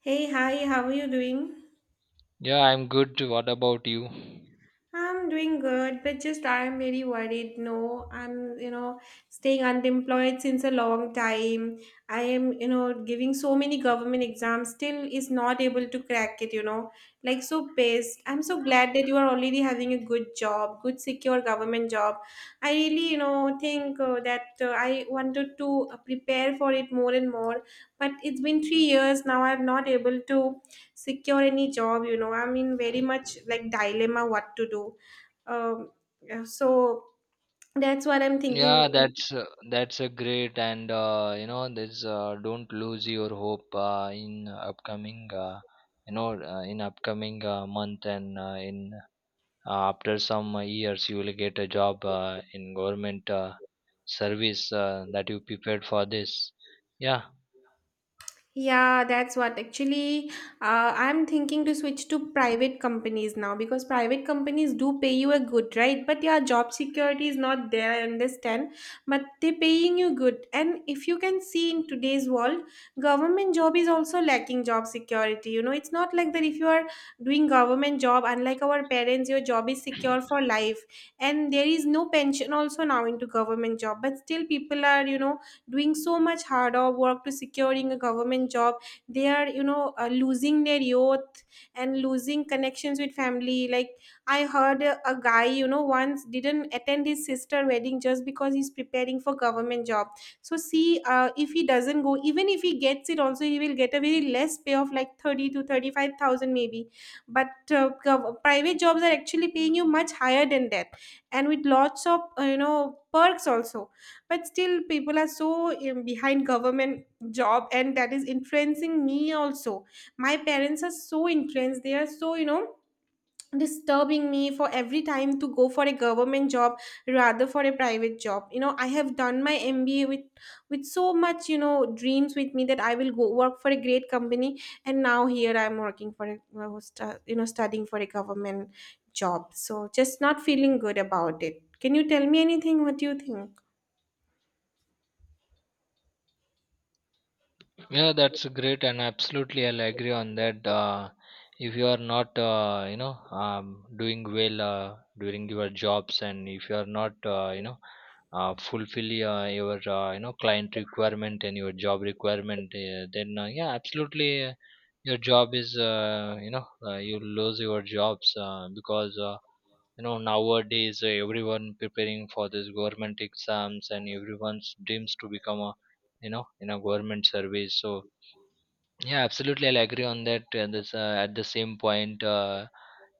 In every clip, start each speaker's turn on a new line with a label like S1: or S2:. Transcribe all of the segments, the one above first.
S1: Hey, hi, how are you doing?
S2: Yeah, I'm good. What about you?
S1: I'm doing good, but just I'm very worried. No, I'm, staying unemployed since a long time. I am, giving so many government exams, still is not able to crack it. Like so pissed. I'm so glad that you are already having a good job, good secure government job. I really, think that I wanted to prepare for it more and more, but it's been 3 years now I'm not able to secure any job. I'm in very much like dilemma what to do. um yeah, so that's what I'm thinking.
S2: Yeah, that's a great and you know this don't lose your hope in upcoming in upcoming month and in after some years you will get a job in government service that you prepared for this. Yeah,
S1: Yeah, that's what actually I'm thinking to switch to private companies now because private companies do pay you a good, right? But yeah, job security is not there, I understand, but they're paying you good. And if you can see in today's world, government job is also lacking job security. You know, it's not like that if you are doing government job, unlike our parents, your job is secure for life. And there is no pension also now into government job, but still people are, you know, doing so much harder work to securing a government job they are you know losing their youth and losing connections with family like I heard a guy you know once didn't attend his sister wedding just because he's preparing for government job so see if he doesn't go even if he gets it also he will get a very less pay of like 30 to 35,000 maybe but gov- private jobs are actually paying you much higher than that and with lots of you know perks also but still people are so behind government job and that is influencing me also my parents are so influenced they are so you know disturbing me for every time to go for a government job rather for a private job you know I have done my mba with so much you know dreams with me that I will go work for a great company and now here I'm working for a stu- you know studying for a government job so just not feeling good about it can you tell me anything what do you think
S2: yeah, that's great, and absolutely, I'll agree on that. If you are not, doing well during your jobs, and if you are not, fulfill your, client requirement and your job requirement, then yeah, absolutely, your job is, you lose your jobs because. Nowadays everyone preparing for this government exams and everyone's dreams to become a in a government service. So yeah, absolutely. I'll agree on that. At the same point,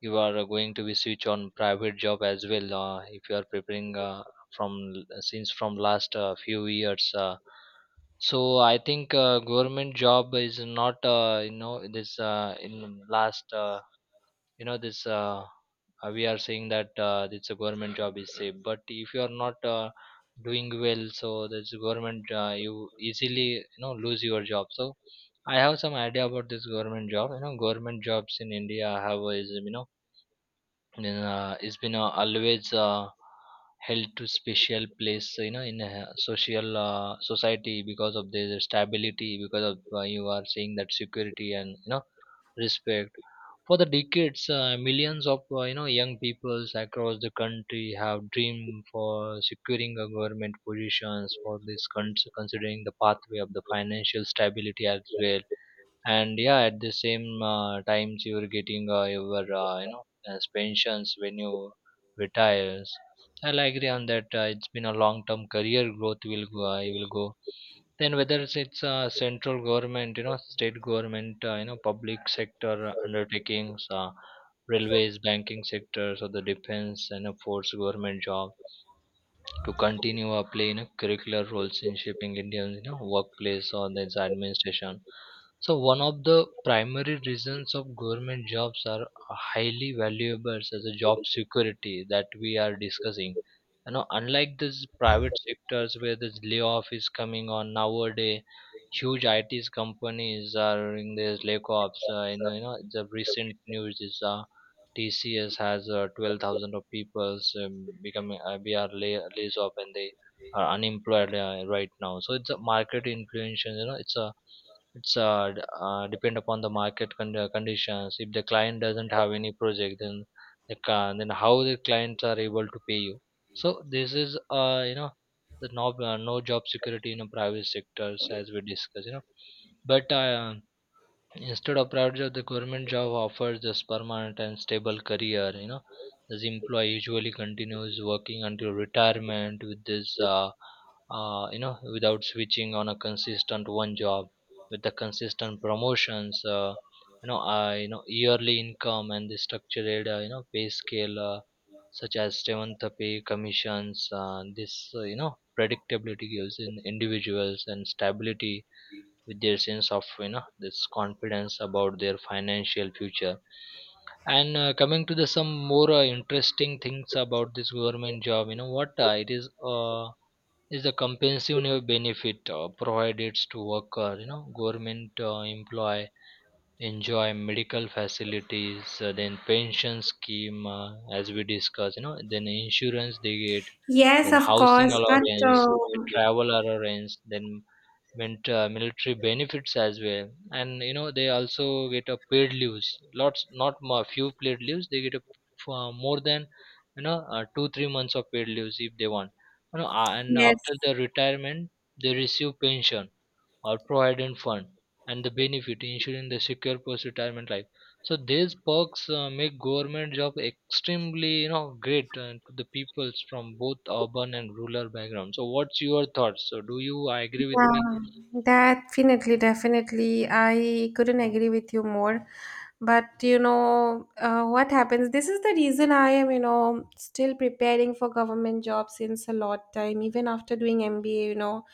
S2: you are going to be switch on private job as well. If you are preparing since from last few years, so I think government job is not you know this in last. You know this We are saying that it's a government job is safe, but if you are not doing well, so this government you easily you know lose your job. So I have some idea about this government job. You know, government jobs in India is you know in, it's been always held to special place, so you know in a social society because of their stability, because of you are saying that security and you know respect for the decades. Millions of young peoples across the country have dreamed for securing a government positions for this considering the pathway of the financial stability as well. And yeah, at the same times you are getting your as pensions when you retires. I'll agree on that. It's been a long term career growth will go. I will go then whether central government, you know, state government, you know, public sector undertakings, railways, banking sectors, or the defense, and of course government jobs to continue or play you know curricular roles in shaping Indians you know workplace or its administration. So one of the primary reasons of government jobs are highly valuable as a job security that we are discussing. You know, unlike this private sectors where this layoff is coming on nowadays, huge IT companies are in this layoffs. You know, you know, the recent news is TCS has 12,000 of people's becoming we are lays off, and they are unemployed right now. So it's a market influence. You know, it's depend upon the market conditions. If the client doesn't have any project, then then how the clients are able to pay you. So this is you know the no job security in a private sectors as we discussed. You know, but Instead of private job, the government job offers this permanent and stable career. You know, this employee usually continues working until retirement with without switching on a consistent one job, with the consistent promotions, yearly income and the structured, pay scale such as seventh pay commissions. Predictability gives in individuals and stability with their sense of you know this confidence about their financial future. And coming to the some more interesting things about this government job, you know what it is the compensative benefit provided to worker. You know, government employ enjoy medical facilities, then pension scheme, as we discussed, you know, then insurance they get,
S1: Yes,
S2: then
S1: of
S2: housing
S1: course, but
S2: allowance, then travel allowance, then military benefits as well. And you know they also get a paid leaves, lots not more, few paid leaves they get a, more than 2 3 months of paid leaves if they want. And after
S1: yes.
S2: the retirement they receive pension or provident fund and the benefit ensuring the secure post retirement life. So these perks make government job extremely you know great to the peoples from both urban and rural backgrounds. So what's your thoughts? So do you agree with me?
S1: Yeah, definitely, definitely. I couldn't agree with you more. But what happens? This is the reason I am, still preparing for government job since a lot time, even after doing MBA.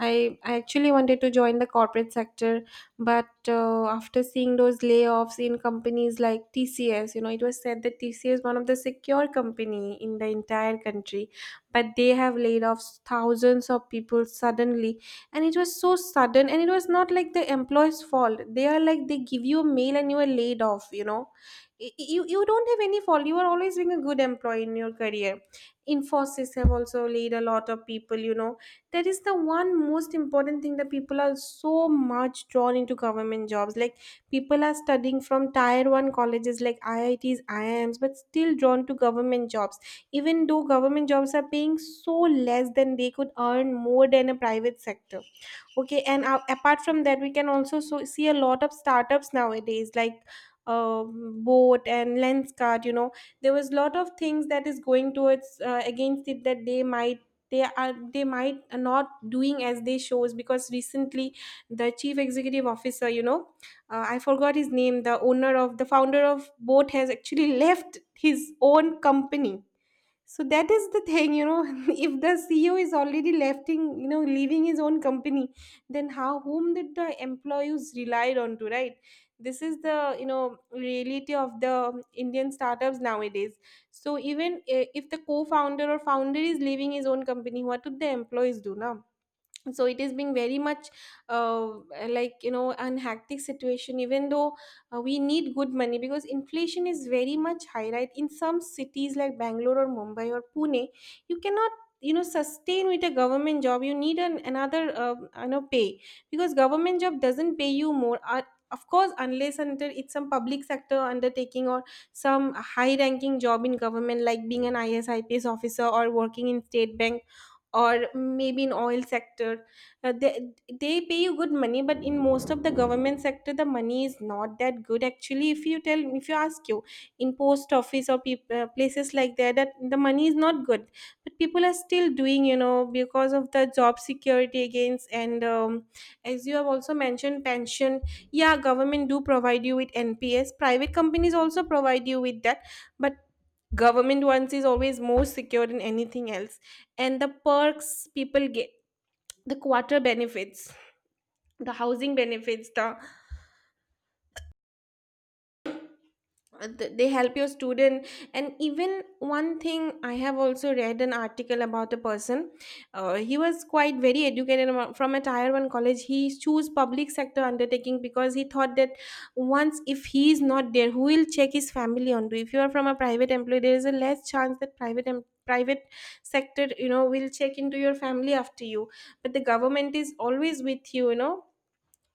S1: I actually wanted to join the corporate sector, but after seeing those layoffs in companies like TCS, it was said that TCS is one of the secure company in the entire country, but they have laid off thousands of people suddenly. And it was so sudden, and it was not like the employer's fault. They are like, they give you a mail and you are laid off. You don't have any fault. You are always being a good employee in your career. Infosys have also laid a lot of people. That is the one most important thing that people are so much drawn into government jobs, like, people are studying from tier 1 colleges like IITs IIMs, but still drawn to government jobs, even though government jobs are paying so less than they could earn more than a private sector. Okay, and apart from that, we can also so see a lot of startups nowadays like, Boat and Lenskart. you know there was lot of things that is going towards against it, that they might not doing as they shows, because recently the chief executive officer, I forgot his name, the owner of the founder of Boat has actually left his own company. So that is the thing. If the CEO is already lefting, leaving his own company, then how whom did the employees relied on to, right? This is the reality of the Indian startups nowadays. So even if the co-founder or founder is leaving his own company, what would the employees do now? So it is being very much uh, like, an hectic situation, even though we need good money because inflation is very much high, right? In some cities like Bangalore or Mumbai or Pune, you cannot sustain with a government job. You need another pay, because government job doesn't pay you more, of course, unless and until it's some public sector undertaking or some high ranking job in government like being an ISIPs officer, or working in State Bank, or maybe in oil sector. uh, they, they pay you good money, but in most of the government sector the money is not that good, actually. If you ask you in post office or places like that, that the money is not good. But people are still doing, because of the job security against. And as you have also mentioned, pension. Yeah, government do provide you with NPS. Private companies also provide you with that, but government ones is always more secure than anything else. And the perks people get, the quarter benefits, the housing benefits, the they help your student. And even one thing, I have also read an article about a person. He was quite very educated from a tier 1 college. He chose public sector undertaking because he thought that once if he is not there, who will check his family onto? If you are from a private employee, there is a less chance that private sector will check into your family after you. But the government is always with you you know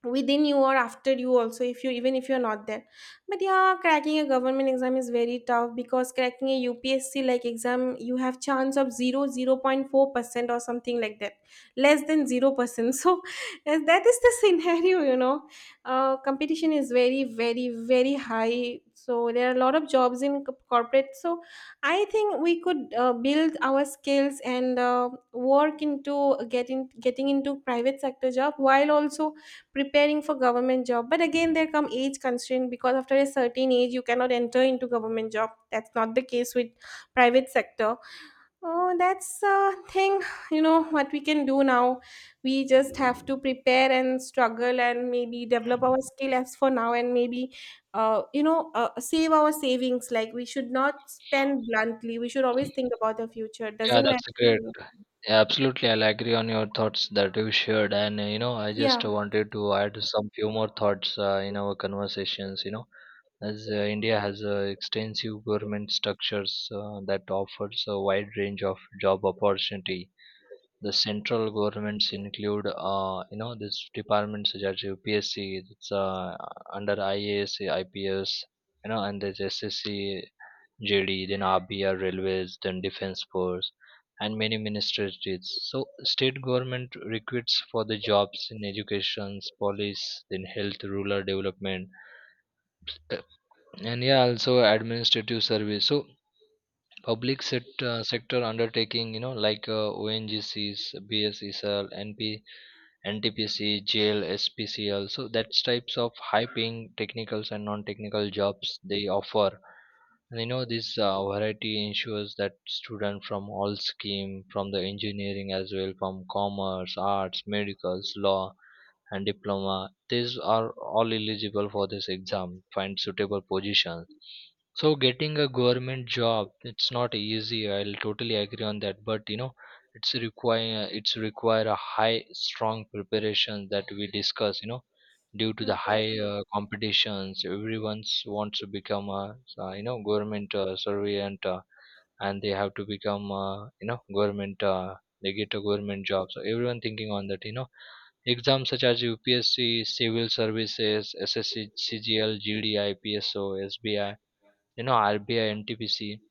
S1: Within you, or after you also, if you even if you're not there. But yeah, cracking a government exam is very tough because cracking a UPSC like exam, you have chance of 0.04% or something like that, less than 0%. So, and that is the scenario. Competition is very, very, very high. So there are a lot of jobs in corporate. So I think we could build our skills and work into getting into private sector job, while also preparing for government job. But again, there come age constraint because after a certain age, you cannot enter into government job. That's not the case with private sector. Oh, that's a thing. What we can do now, we just have to prepare and struggle, and maybe develop our skill as for now, and maybe save our savings, like, we should not spend bluntly. We should always think about the future.
S2: Yeah,
S1: Doesn't
S2: that's a great.
S1: matter.
S2: Yeah, absolutely. I'll agree on your thoughts that you shared. And, you know, I just
S1: Yeah,
S2: wanted to add some few more thoughts in our conversations. You know, as India has extensive government structures that offers a wide range of job opportunity. The central governments include, you know, these departments such as UPSC, it's under IAS, IPS, you know, and there's SSC, JD, then RBR Railways, then Defense Force, and many ministries. So state government recruits for the jobs in education, police, then health, rural development, uh, and yeah, also administrative service. So sector undertaking, you know, like ONGCs, BSESL, NP, NTPC, JL, SPCL. So that's types of high paying technicals and non technical jobs they offer. And you know this variety ensures that students from all scheme from the engineering as well, from commerce, arts, medicals, law, and diploma, these are all eligible for this exam, find suitable positions. So getting a government job, it's not easy. I'll totally agree on that. But you know, it's require a high strong preparation that we discuss. You know, due to the high
S1: okay.
S2: competitions, everyone's wants to become a you know government servant, and they have to become you know government. They get a government job. So everyone thinking on that. You know, exams such as UPSC, civil services, SSC, CGL, GD, IPSO, SBI, you know, RBI, NTPC,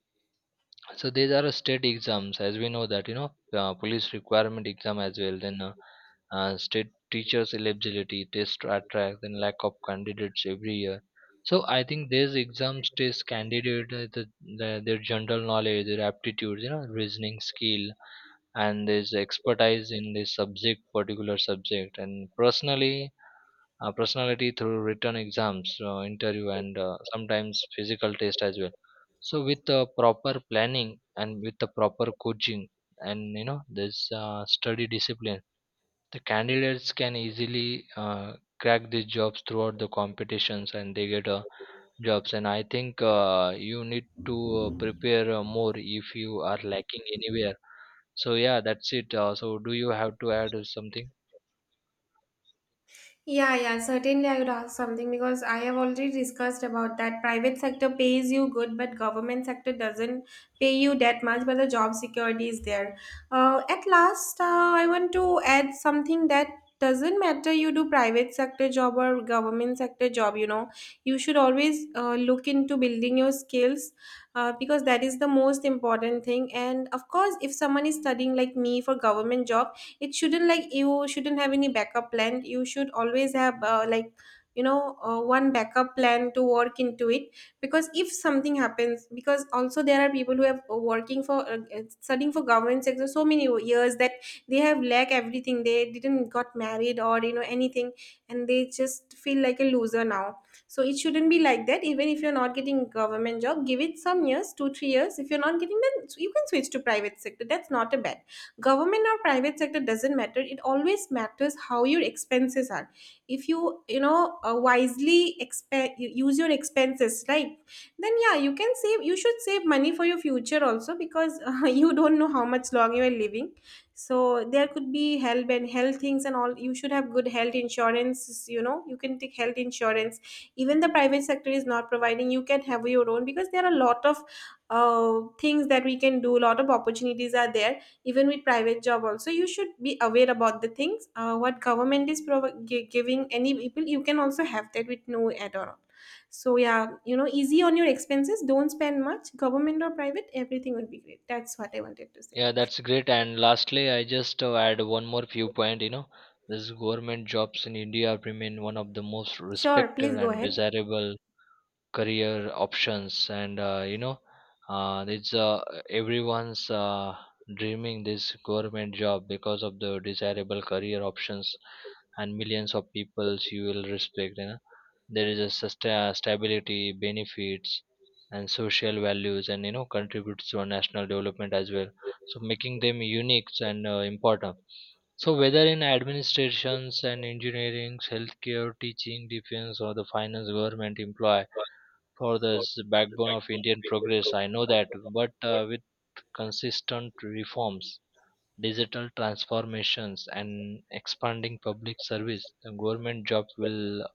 S2: so these are state exams as we know that. You know, police requirement exam as well, then state teachers eligibility test attract then lack of candidates every year. So I think these exams test candidate their general knowledge, their aptitudes, you know, reasoning skill, and there's expertise in this subject, particular subject, and personally personality through written exams, interview, and sometimes physical test as well. So with the proper planning and with the proper coaching and you know this study discipline, the candidates can easily crack these jobs throughout the competitions, and they get jobs. And I think you need to prepare more if you are lacking anywhere. So yeah, that's it. So do you have to add something?
S1: Yeah, yeah, certainly, I would ask something because I have already discussed about that. Private sector pays you good, but government sector doesn't pay you that much, but the job security is there. At last, I want to add something that doesn't matter you do private sector job or government sector job. You should always look into building your skills, because that is the most important thing. And of course, if someone is studying like me for government job, it shouldn't, like, you shouldn't have any backup plan. You should always have, like, one backup plan to work into it, because if something happens. Because also, there are people who have working for studying for government sector so many years that they have lack everything. They didn't got married or anything. And they just feel like a loser now. So it shouldn't be like that. Even if you're not getting government job, give it some years, 2 to 3 years. If you're not getting, then you can switch to private sector, that's not a bad. Government or private sector doesn't matter, it always matters how your expenses are. If you you know wisely use your expenses, right. Then yeah, you can save, you should save money for your future also because you don't know how much long you are living. So there could be health and health things and all. You should have good health insurance. You can take health insurance. Even the private sector is not providing, you can have your own, because there are a lot of things that we can do. A lot of opportunities are there. Even with private job also, you should be aware about the things what government is giving any people. You can also have that with no at all. So yeah, easy on your expenses, don't spend much. Government or private, everything would be great. That's what I wanted to say.
S2: Yeah, that's great. And lastly, I just add one more viewpoint. You know, this government jobs in India remain one of the most
S1: Sure, please
S2: respected
S1: go
S2: and
S1: ahead.
S2: desirable career options. And you know it's everyone's dreaming this government job because of the desirable career options. And millions of peoples you will respect, you know, there is a stability benefits and social values, and you know contributes to our national development as well, so making them unique and important. So whether in administrations and engineering, healthcare, teaching, defense, or the finance, government employ for the backbone of Indian progress. I know that, but with consistent reforms, digital transformations, and expanding public service, the government jobs will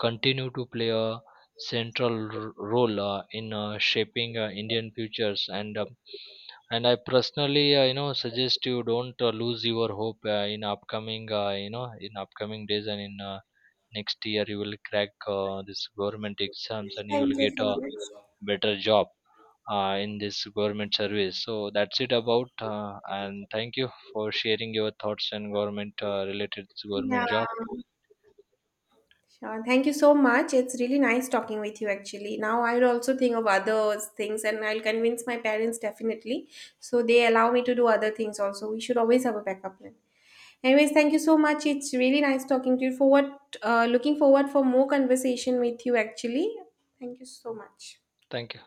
S2: continue to play a central role in shaping Indian futures. And I personally, you know, suggest you don't lose your hope in upcoming, you know, in upcoming days and in. Next year you will crack this government exams and you
S1: Thank
S2: will
S1: you
S2: get
S1: so
S2: a
S1: much.
S2: better job in this government service. So that's it about, and thank you for sharing your thoughts and government related to
S1: Yeah.
S2: government job.
S1: Sure, thank you so much. It's really nice talking with you, actually. Now I'll also think of other things, and I'll convince my parents definitely. So they allow me to do other things also. We should always have a backup plan. Anyways, thank you so much. It's really nice talking to you. For what, looking forward for more conversation with you. Actually, thank you so much.
S2: Thank you.